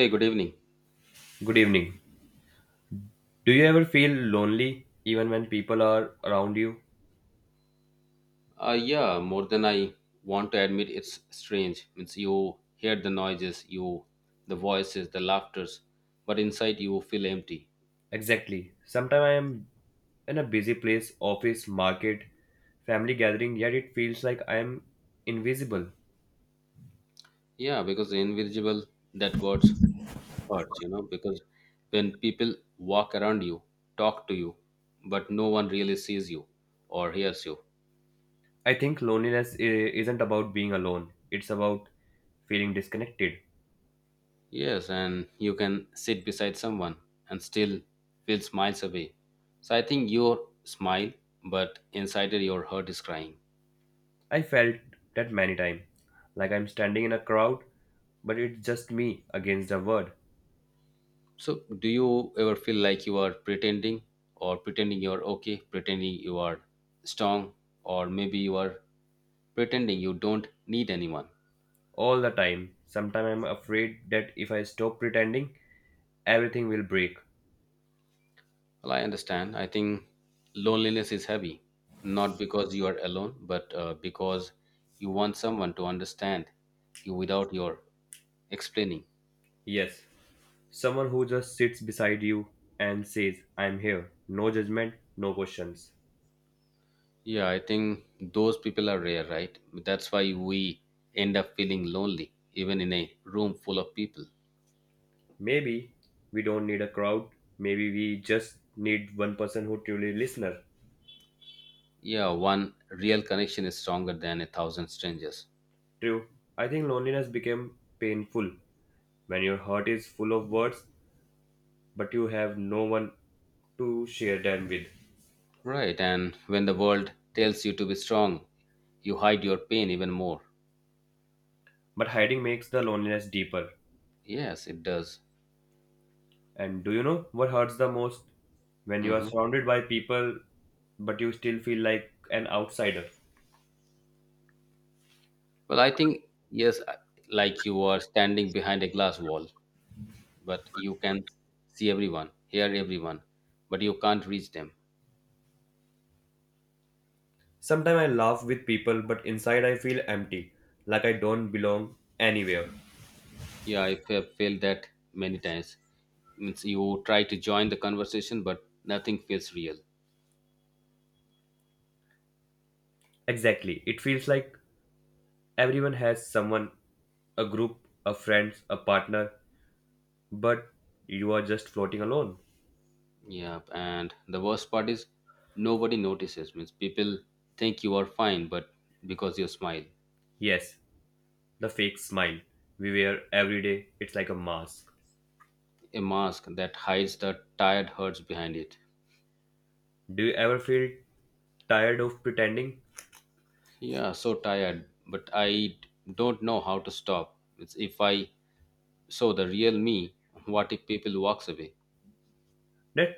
Hey, good evening. Good evening. Do you ever feel lonely even when people are around you? Yeah, more than I want to admit, it's strange. Means you hear the noises, you, the voices, the laughters, but inside you feel empty. Exactly. Sometimes I am in a busy place, office, market, family gathering, yet it feels like I am invisible. Yeah, because the invisible that words hurts, Because when people walk around you, talk to you, but no one really sees you or hears you. I think loneliness isn't about being alone, it's about feeling disconnected. Yes, and you can sit beside someone and still feel miles away. So I think your smile, but inside it, your heart is crying. I felt that many times, like I'm standing in a crowd, but it's just me against the world So, do you ever feel like you are pretending, or pretending you are okay, pretending you are strong, or maybe you are pretending you don't need anyone? all the time. Sometimes I'm afraid that if I stop pretending, everything will break. Well, I understand. I think loneliness is heavy, not because you are alone, but because you want someone to understand you without your explaining. Yes. Someone who just sits beside you and says, I'm here. No judgment, no questions. Yeah, I think those people are rare, right? That's why we end up feeling lonely, even in a room full of people. Maybe we don't need a crowd. Maybe we just need one person who truly listener. Yeah, one real connection is stronger than a thousand strangers, True. I think loneliness became painful when your heart is full of words but you have no one to share them with. right? And when the world tells you to be strong, you hide your pain even more. But hiding makes the loneliness deeper. Yes, it does. And do you know what hurts the most? When you are Hmm. surrounded by people but you still feel like an outsider. Well, I think yes, I- like you are standing behind a glass wall, but you can see everyone, hear everyone, but you can't reach them. Sometimes I laugh with people, but inside I feel empty, like I don't belong anywhere. Yeah, I have felt that many times. Means you try to join the conversation, but nothing feels real. Exactly. It feels like everyone has someone, a group, a friend, a partner, but you are just floating alone. Yep, and the worst part is nobody notices. Means people think you are fine, but because you smile, Yes, the fake smile we wear every day, it's like a mask. a mask that hides the tired hurts behind it. Do you ever feel tired of pretending? Yeah, so tired, but I don't know how to stop. It's if I show the real me, what if people walks away? That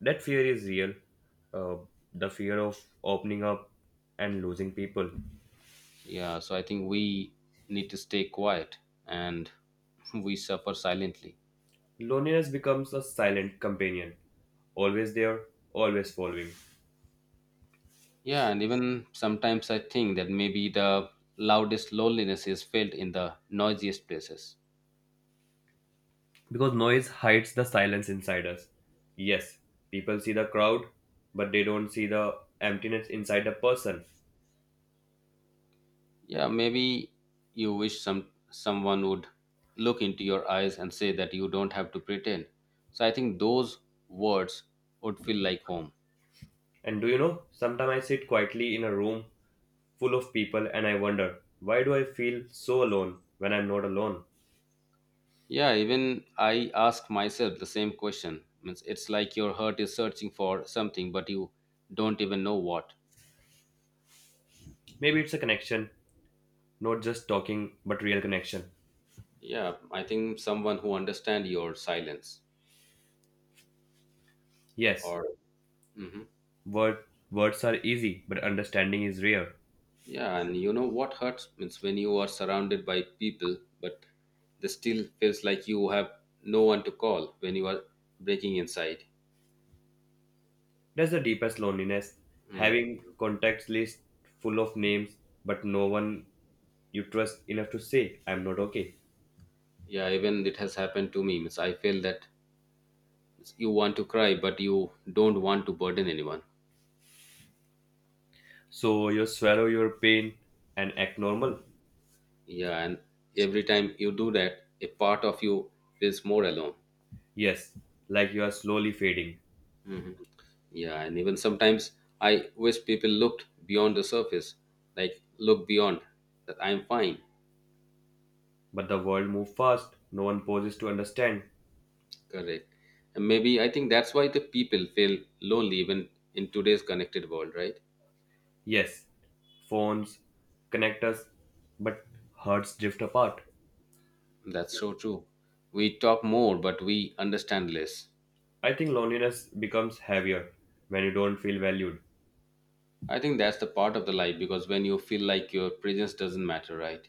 that fear is real. Uh, the fear of opening up and losing people. Yeah, so I think we need to stay quiet and we suffer silently. Loneliness becomes a silent companion, always there, always following. Yeah, and even sometimes I think that maybe the loudest loneliness is felt in the noisiest places. Because noise hides the silence inside us. Yes, people see the crowd, but they don't see the emptiness inside a person. Yeah, maybe you wish someone would look into your eyes and say that you don't have to pretend. So I think those words would feel like home. And do you know, sometimes I sit quietly in a room full of people and I wonder, why do I feel so alone when I'm not alone? Yeah, even I ask myself the same question. Means it's like your heart is searching for something, but you don't even know what. Maybe it's a connection, not just talking, but real connection. Yeah, I think someone who understand your silence, Yes, or Mhm. word, words are easy, but understanding is rare. Yeah, and you know what hurts means when you are surrounded by people, but they still feels like you have no one to call when you are breaking inside. That's the deepest loneliness, Hmm. having contacts list full of names, but no one you trust enough to say, I'm not okay. Yeah, even it has happened to me. Means I feel that you want to cry, but you don't want to burden anyone. So you swallow your pain and act normal. Yeah, and every time you do that, a part of you feels more alone. Yes, like you are slowly fading, Hmm. Yeah, and even sometimes I wish people looked beyond the surface, like look beyond that I'm fine. but the world moves fast, no one pauses to understand. Correct. And maybe I think that's why the people feel lonely even in today's connected world, right? Yes, phones connect us, but hearts drift apart. That's so true. We talk more, but we understand less. I think loneliness becomes heavier when you don't feel valued. I think that's the part of the life because when you feel like your presence doesn't matter, right?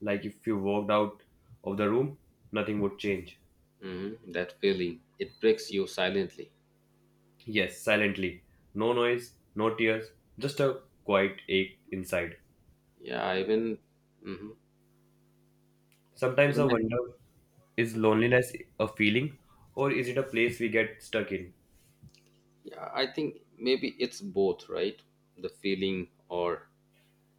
Like if you walked out of the room, nothing would change. Hmm. That feeling it breaks you silently. Yes, silently. No noise, no tears, just a quiet ache inside. Yeah, even hmm Sometimes I even I- wonder, is loneliness a feeling or is it a place we get stuck in? yeah, I think maybe it's both, right? The feeling or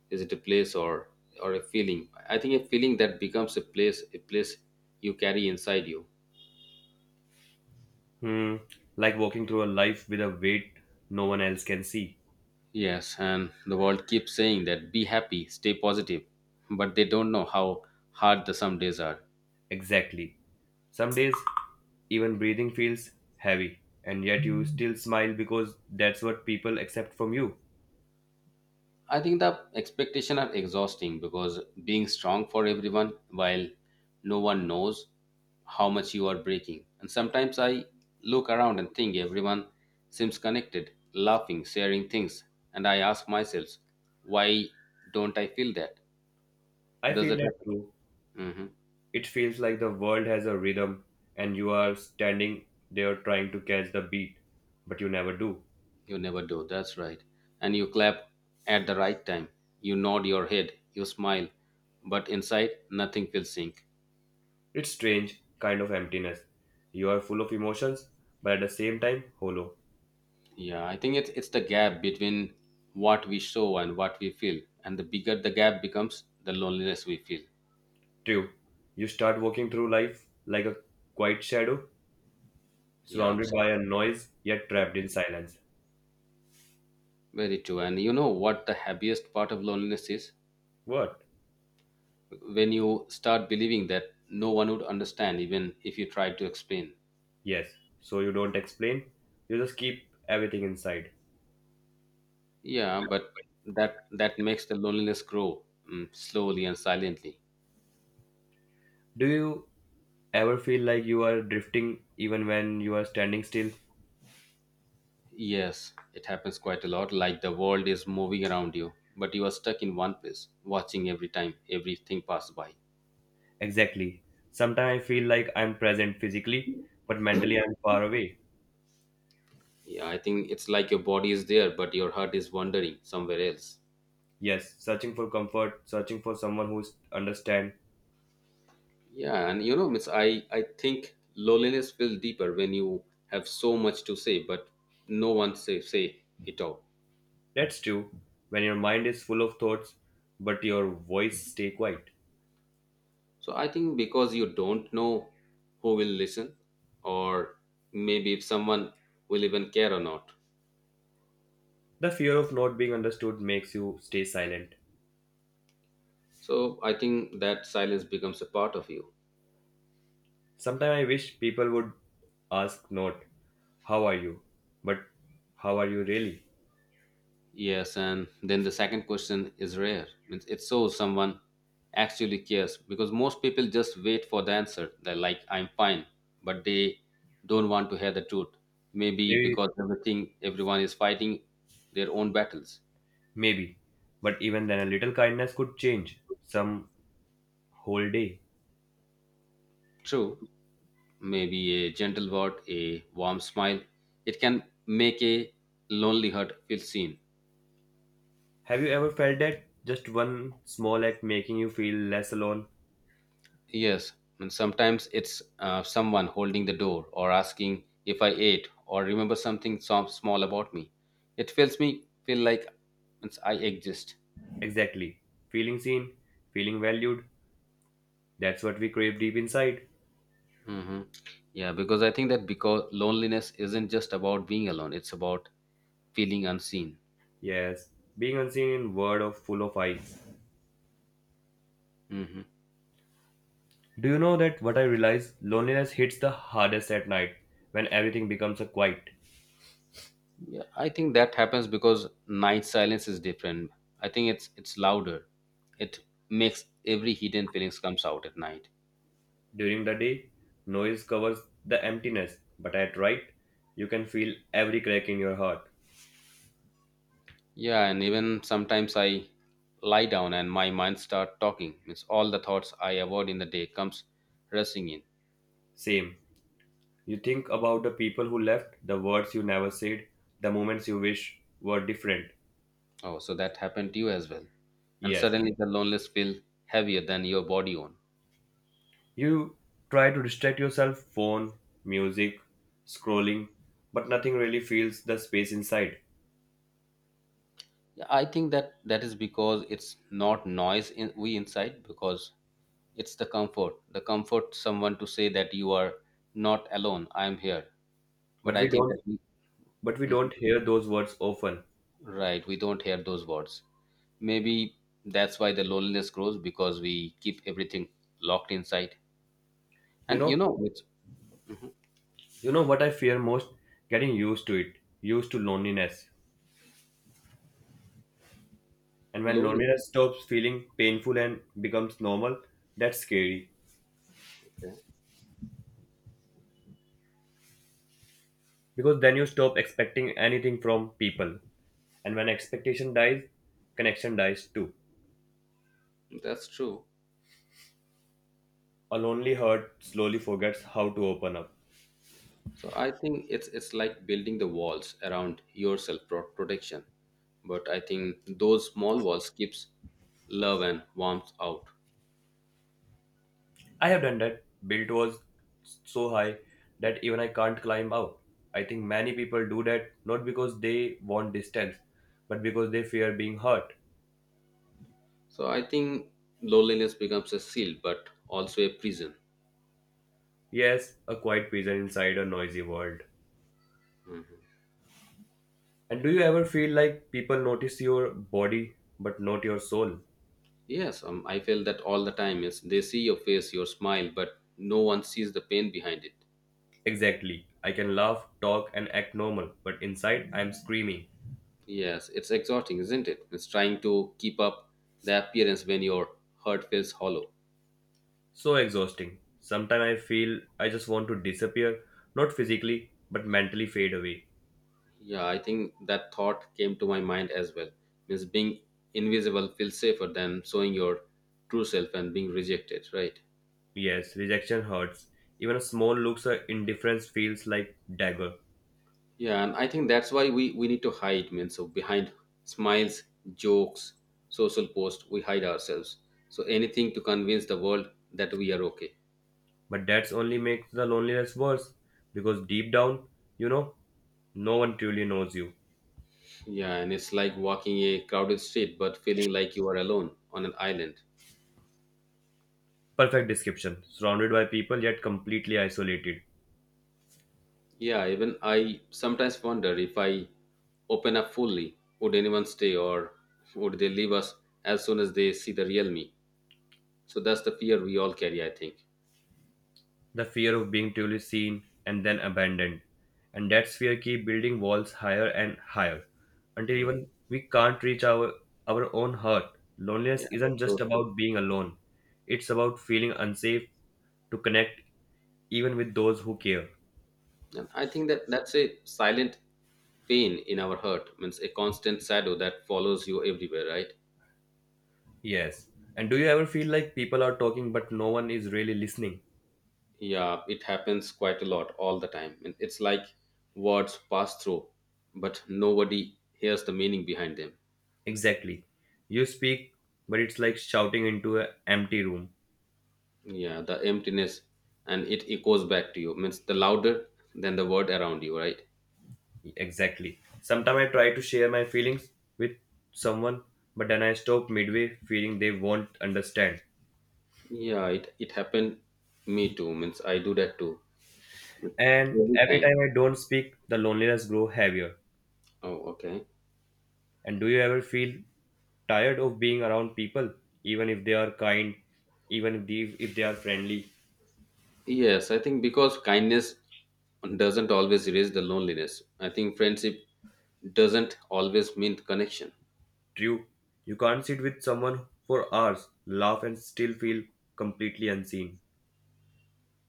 is it a place, or a feeling? I think a feeling that becomes a place, a place you carry inside you. Hmm, like walking through a life with a weight no one else can see. Yes, and the world keeps saying that be happy, stay positive, but they don't know how hard the some days are. Exactly. Some days, even breathing feels heavy, and yet you still smile because that's what people accept from you. I think the expectation are exhausting because being strong for everyone while no one knows how much you are breaking. And sometimes I look around and think everyone seems connected, laughing, sharing things, and I ask myself, why don't I feel that? I Does feel that that happen? too. Hmm. It feels like the world has a rhythm and you are standing there trying to catch the beat, but you never do. You never do. That's right. And you clap at the right time. You nod your head. You smile, but inside nothing feels sync. It's strange kind of emptiness. You are full of emotions, but at the same time hollow. Yeah, I think it's the gap between what we show and what we feel, and the bigger the gap becomes, the loneliness we feel. True. You start walking through life like a quiet shadow, Yeah, surrounded by absolutely. a noise yet trapped Mhm. in silence. Very true. And you know what the happiest part of loneliness is? What? When you start believing that no one would understand, even if you try to explain. Yes. So you don't explain, you just keep everything inside. Yeah, but that makes the loneliness grow, slowly and silently. Do you ever feel like you are drifting even when you are standing still? Yes, it happens quite a lot. Like the world is moving around you, but you are stuck in one place, watching every time everything pass by. Exactly. Sometimes I feel like I'm present physically, but mentally I'm far away. Yeah, I think it's like your body is there, but your heart is wandering somewhere else. Yes, searching for comfort, searching for someone who understands. Yeah, and you know, Miss, I think loneliness feels deeper when you have so much to say, but no one say it out. That's true. When your mind is full of thoughts, but your voice stay quiet. So I think because you don't know who will listen, or maybe if someone will even care or not. The fear of not being understood makes you stay silent. So I think that silence becomes a part of you. Sometimes I wish people would ask, not how are you, but how are you really? Yes, and then the second question is rare. Means it shows someone actually cares because most people just wait for the answer. They're like, I'm fine, but they don't want to hear the truth. Maybe Maybe, because everything everyone is fighting their own battles. maybe. But even then, a little kindness could change some whole day. True, maybe a gentle word, a warm smile, it can make a lonely heart feel seen. Have you ever felt that just one small act making you feel less alone? Yes, and sometimes it's someone holding the door or asking if I ate or remember something so small about me. It feels me feel like it's, I exist. Exactly. Feeling seen, feeling valued, that's what we crave deep inside. Hmm. Yeah, because I think that because loneliness isn't just about being alone; it's about feeling unseen. Yes, being unseen in world of full of eyes. Hmm. Do you know that what I realize loneliness hits the hardest at night when everything becomes a quiet. Yeah, I think that happens because night silence is different. I think it's louder. It makes every hidden feelings comes out at night. During the day, noise covers the emptiness, but at night, you can feel every crack in your heart. Yeah, and even sometimes I lie down and my mind start talking. Means all the thoughts I avoid in the day comes rushing in. Same. You think about the people who left, the words you never said, the moments you wish were different. Oh, so that happened to you as well. And Yes. suddenly the loneliness feel heavier than your body own. You try to distract yourself phone, music, scrolling, but nothing really fills the space inside. Yeah, I think that is because it's not noise in, we inside because it's the comfort. The comfort someone to say that you are not alone. I am here. But But I we think that don't, we, but we Mhm. don't hear those words often. Right, we don't hear those words. Maybe that's why the loneliness grows because we keep everything locked inside. You And you know, know, it's you know what I fear most? Getting used to it, used to loneliness. And when loneliness. loneliness stops feeling painful and becomes normal, that's scary. Okay, Because then you stop expecting anything from people, and when expectation dies, connection dies too. that's true. A lonely heart slowly forgets how to open up. So I think it's like building the walls around yourself for protection. But I think those small walls keeps love and warmth out. I have done that, built was so high that even I can't climb out. I think many people do that, not because they want distance, but because they fear being hurt. So I think loneliness becomes a seal, but also a prison. Yes, a quiet prison inside a noisy world. And do you ever feel like people notice your body but not your soul? Yes, I feel that all the time. Is they see your face, your smile, but no one sees the pain behind it. Exactly. I can laugh, talk, and act normal, but inside I'm screaming. Yes, it's exhausting, isn't it? It's trying to keep up the appearance when your heart feels hollow. So exhausting. Sometimes I feel I just want to disappear, not physically, but mentally fade away. Yeah, I think that thought came to my mind as well. Means being invisible feels safer than showing your true self and being rejected, right? Yes, rejection hurts. Even a small looks or indifference feels like dagger. Yeah, and I think that's why we need to hide, man. So behind smiles, jokes, social posts, we hide ourselves. So anything to convince the world that we are okay. But that's only makes the loneliness worse, because deep down, you know, no one truly knows you. Yeah, and it's like walking a crowded street but feeling like you are alone on an island. Perfect description. Surrounded by people, yet completely isolated. Yeah, even I sometimes wonder if I open up fully, would anyone stay or would they leave us as soon as they see the real me? So that's the fear we all carry, I think. The fear of being truly seen and then abandoned. And that fear keep building walls higher and higher until Mhm. even we can't reach our own heart. Loneliness Yeah, isn't that's just so true. about being alone, it's about feeling unsafe to connect even with those who care. And I think that that's a silent pain in our heart means a constant shadow that follows you everywhere, right? Yes. And do you ever feel like people are talking but no one is really listening? Yeah, it happens quite a lot all the time, and it's like words pass through but nobody hears the meaning behind them. Exactly. You speak, but it's like shouting into an empty room. Yeah, the emptiness and it echoes back to you means the louder than the word around you, right? Exactly. Sometimes I try to share my feelings with someone, but then I stop midway feeling they won't understand. Yeah, it happened me too. Means I do that too And every every time. time I don't speak, the loneliness grow heavier. Oh, okay. And do you ever feel tired of being around people, even if they are kind, even if they are friendly, Yes, I think because kindness doesn't always erase the loneliness. I think friendship doesn't always mean connection. true? You can't sit with someone for hours, laugh, and still feel completely unseen.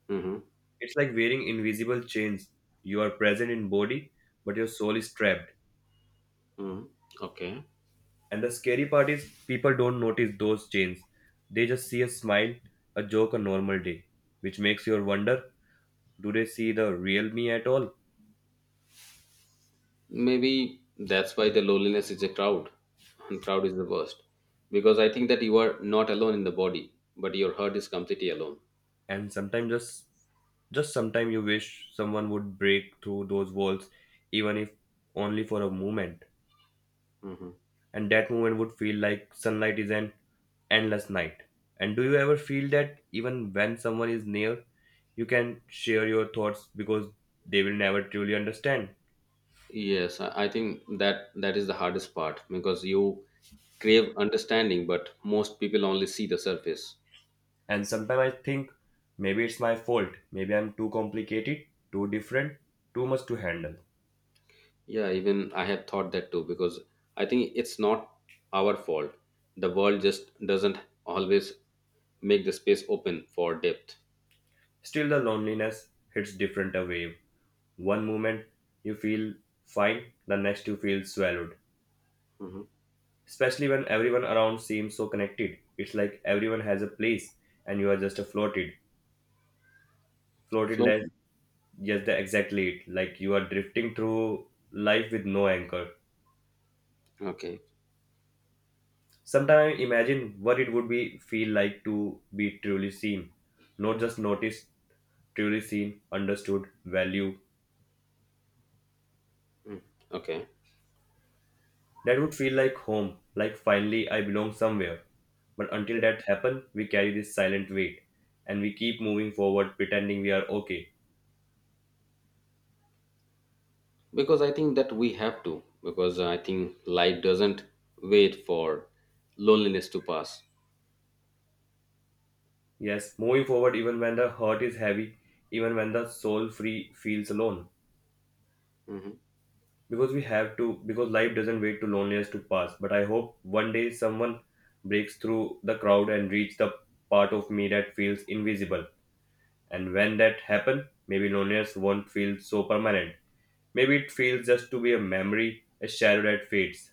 Hmm. It's like wearing invisible chains. You are present in body, but your soul is trapped. Hmm. Okay. And the scary part is people don't notice those chains. They just see a smile, a joke, a normal day, which makes you wonder, do they see the real me at all? Maybe that's why the loneliness is a crowd, and crowd is the worst. Because I think that you are not alone in the body, but your heart is completely alone. And sometimes just sometimes you wish someone would break through those walls, even if only for a moment. Hmm. And that moment would feel like sunlight is an endless night. And do you ever feel that even when someone is near, you can share your thoughts because they will never truly understand? Yes, I think that is the hardest part because you crave understanding, but most people only see the surface. And sometimes I think maybe it's my fault. Maybe I'm too complicated, too different, too much to handle. Yeah, even I had thought that too because I think it's not our fault. The world just doesn't always make the space open for depth. Still, the loneliness hits different a wave. One moment you feel fine, the next you feel swallowed. Especially when everyone around seems so connected. It's like everyone has a place and you are just a floated. Floated Flow. less, just the exactly it. Like you are drifting through life with no anchor. Okay, Sometimes I imagine what it would be feel like to be truly seen, not just noticed, truly seen, understood, valued. okay. That would feel like home, like finally I belong somewhere. But until that happens, we carry this silent weight and we keep moving forward pretending we are okay. Because I think that we have to, because I think life doesn't wait for loneliness to pass. Yes, moving forward even when the heart is heavy, even when the soul free feels alone. Hmm. Because we have to, because life doesn't wait to loneliness to pass, but I hope one day someone breaks through the crowd and reach the part of me that feels invisible. And when that happen, maybe loneliness won't feel so permanent. Maybe it feels just to be a memory, a shadow that fades.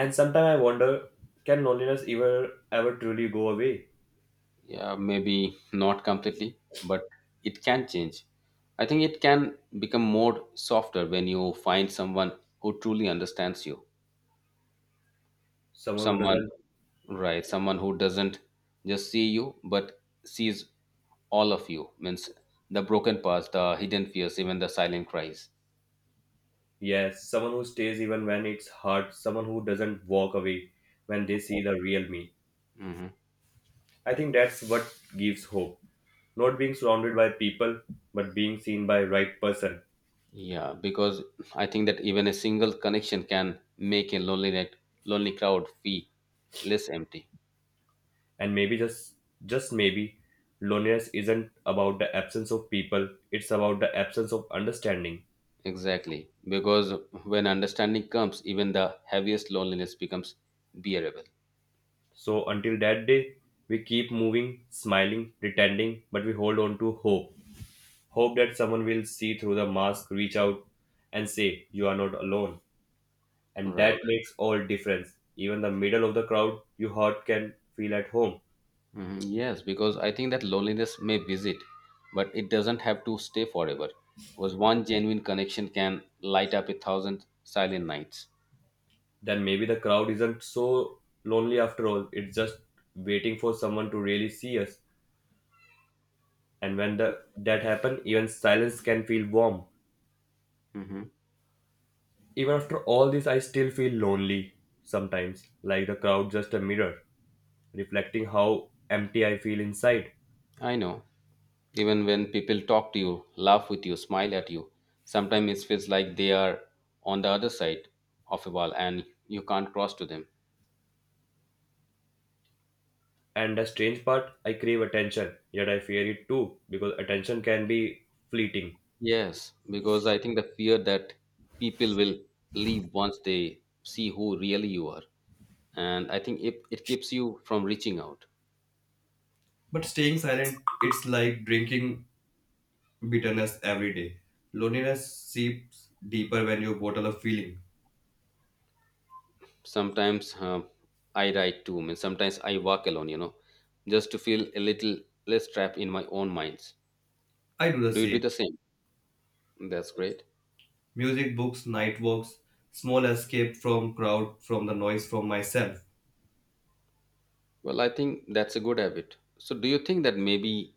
And sometimes I wonder, can loneliness ever truly go away? Yeah, maybe not completely, but it can change. I think it can become more softer when you find someone who truly understands you, Someone who someone doesn't, Right, someone who doesn't just see you but sees all of you means the broken parts, the hidden fears, even the silent cries. yes, someone who stays even when it's hard, someone who doesn't walk away when they see the real me. Hmm. I think that's what gives hope. Not being surrounded by people, but being seen by right person. Yeah, because I think that even a single connection can make a lonely crowd feel less empty. And maybe just maybe loneliness isn't about the absence of people, it's about the absence of understanding. Exactly, because when understanding comes, even the heaviest loneliness becomes bearable. So until that day, we keep moving, smiling, pretending, but we hold on to hope. Hope that someone will see through the mask, reach out and say, you are not alone. And that Right. makes all difference. Even the middle of the crowd, your heart can feel at home. Mhm, yes, because I think that loneliness may visit, but it doesn't have to stay forever. Because one genuine connection can light up a thousand silent nights. Then maybe the crowd isn't so lonely after all. It's just waiting for someone to really see us. And when the, that happens, even silence can feel warm. Hmm. Even after all this, I still feel lonely sometimes, like the crowd just a mirror, reflecting how empty I feel inside. I know. Even when people talk to you, laugh with you, smile at you, sometimes it feels like they are on the other side of a wall and you can't cross to them. And the strange part, I crave attention, yet I fear it too, because attention can be fleeting. Yes, because I think the fear that people will leave once they see who really you are. And I think it keeps you from reaching out. But staying silent, it's like drinking bitterness every day. Loneliness seeps deeper when you bottle a feeling. Sometimes I write too. I mean, sometimes I walk alone, just to feel a little less trapped in my own minds. I do the Do you do same. the same? That's great. Music, books, night walks, small escape from crowd, from the noise, from myself. Well, I think that's a good habit. So do you think that maybe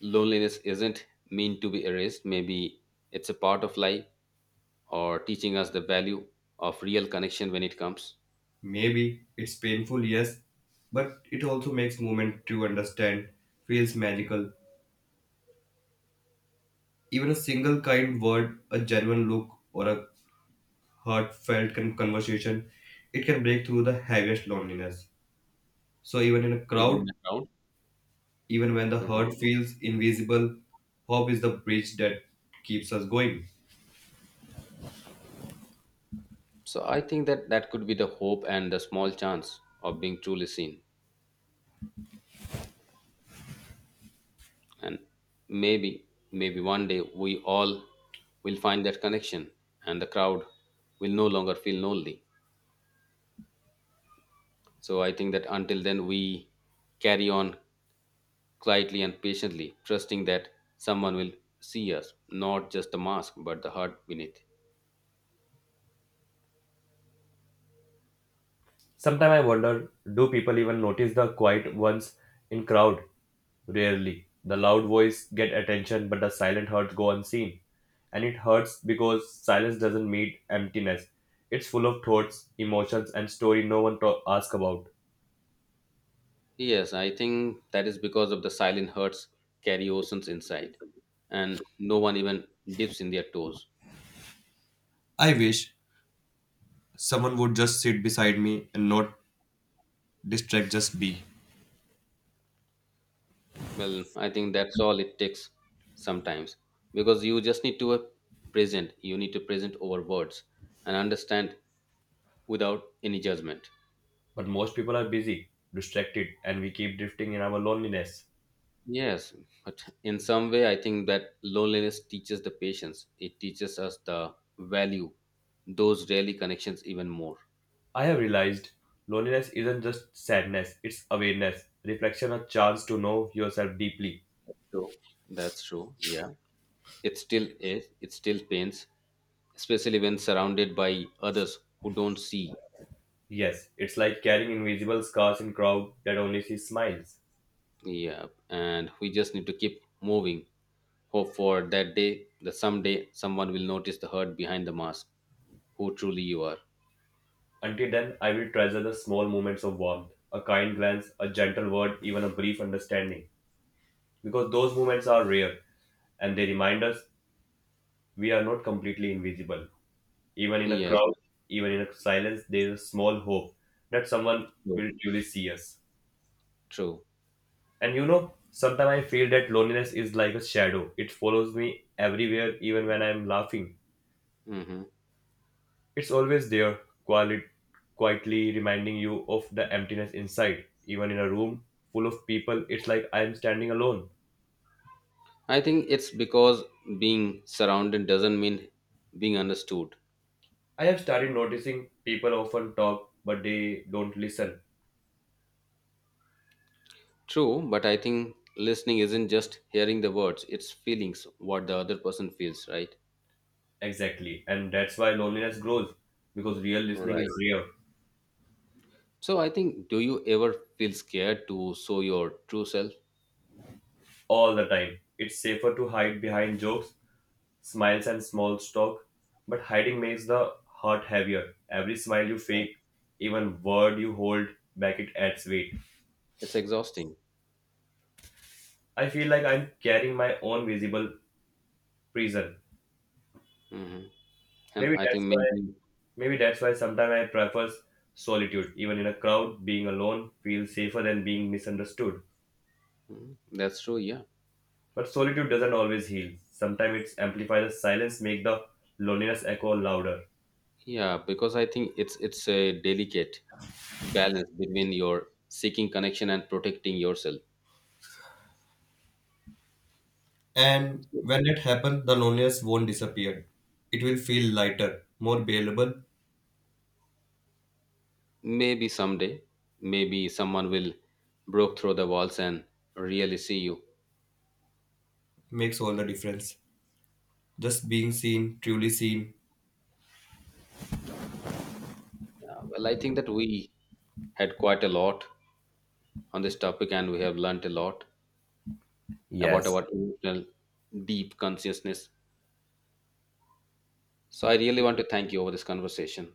loneliness isn't meant to be erased? Maybe it's a part of life or teaching us the value of real connection when it comes, Maybe it's painful, yes, but it also makes moment to understand, feels magical. Even a single kind word, a genuine look, or a heartfelt conversation, it can break through the heaviest loneliness. So even in a even in crowd, the crowd. even when the Mhm. hurt feels invisible, hope is the bridge that keeps us going. So I think that that could be the hope and the small chance of being truly seen, and maybe maybe one day we all will find that connection, and the crowd will no longer feel lonely. So I think that until then we carry on quietly and patiently, trusting that someone will see us, not just the mask but the heart beneath. Sometimes I wonder, do people even notice the quiet ones in crowd? Rarely. The loud voice get attention, but the silent hurts go unseen. And it hurts because silence doesn't mean emptiness. It's full of thoughts, emotions, and story no one to ask about. Yes, I think that is because of the silent hearts carry oceans inside and no one even dips in their toes. I wish someone would just sit beside me and not distract, just be. Well, I think that's all it takes sometimes because you just need to present. You need to present over words and understand without any judgment. But most people are busy, distracted, and we keep drifting in our loneliness. Yes, but in some way, I think that loneliness teaches the patience. It teaches us the value, those daily connections even more. I have realized loneliness isn't just sadness, it's awareness, reflection, a chance to know yourself deeply. True. That's true. Yeah. It still is. It still pains, especially when surrounded by others who don't see. Yes, it's like carrying invisible scars in crowd that only see smiles. Yeah. And we just need to keep moving. Hope for that day that someday someone will notice the hurt behind the mask, who truly you are. Until then, I will treasure the small moments of warmth, a kind glance, a gentle word, even a brief understanding. Because those moments are rare and they remind us we are not completely invisible. Even in a Yes, crowd, even in a silence, there is a small hope that someone true. will truly see us. True. And you know, sometimes I feel that loneliness is like a shadow. It follows me everywhere, even when I am laughing. Hmm. It's always there, quiet, quietly reminding you of the emptiness inside. Even in a room full of people, it's like I am standing alone. I think it's because being surrounded doesn't mean being understood. I have started noticing people often talk, but they don't listen True, but I think listening isn't just hearing the words, it's feelings, what the other person feels, right? exactly. And that's why loneliness grows because real listening Right. is rare. So I think, do you ever feel scared to show your true self? All the time. It's safer to hide behind jokes, smiles, and small talk, but hiding makes the heart heavier. Every smile you Right. fake, even word you hold back, it adds weight. It's exhausting. I feel like I'm carrying my own visible prison. Hmm. And Maybe I think that's why. maybe Maybe that's why sometimes I prefer solitude. Even in a crowd, being alone feels safer than being misunderstood. Mhm. That's true, yeah. But solitude doesn't always heal. Sometimes it amplifies the silence, make the loneliness echo louder. Yeah, because I think it's a delicate balance between your seeking connection and protecting yourself. And when it happens, the loneliness won't disappear. It will feel lighter, more bearable, Maybe someday, maybe someone will broke through the walls and really see you. makes all the difference. Just being seen, truly seen. Yeah, well, I think that we had quite a lot on this topic, and we have learnt a lot about Yes, our emotional deep consciousness. So I really want to thank you over this conversation.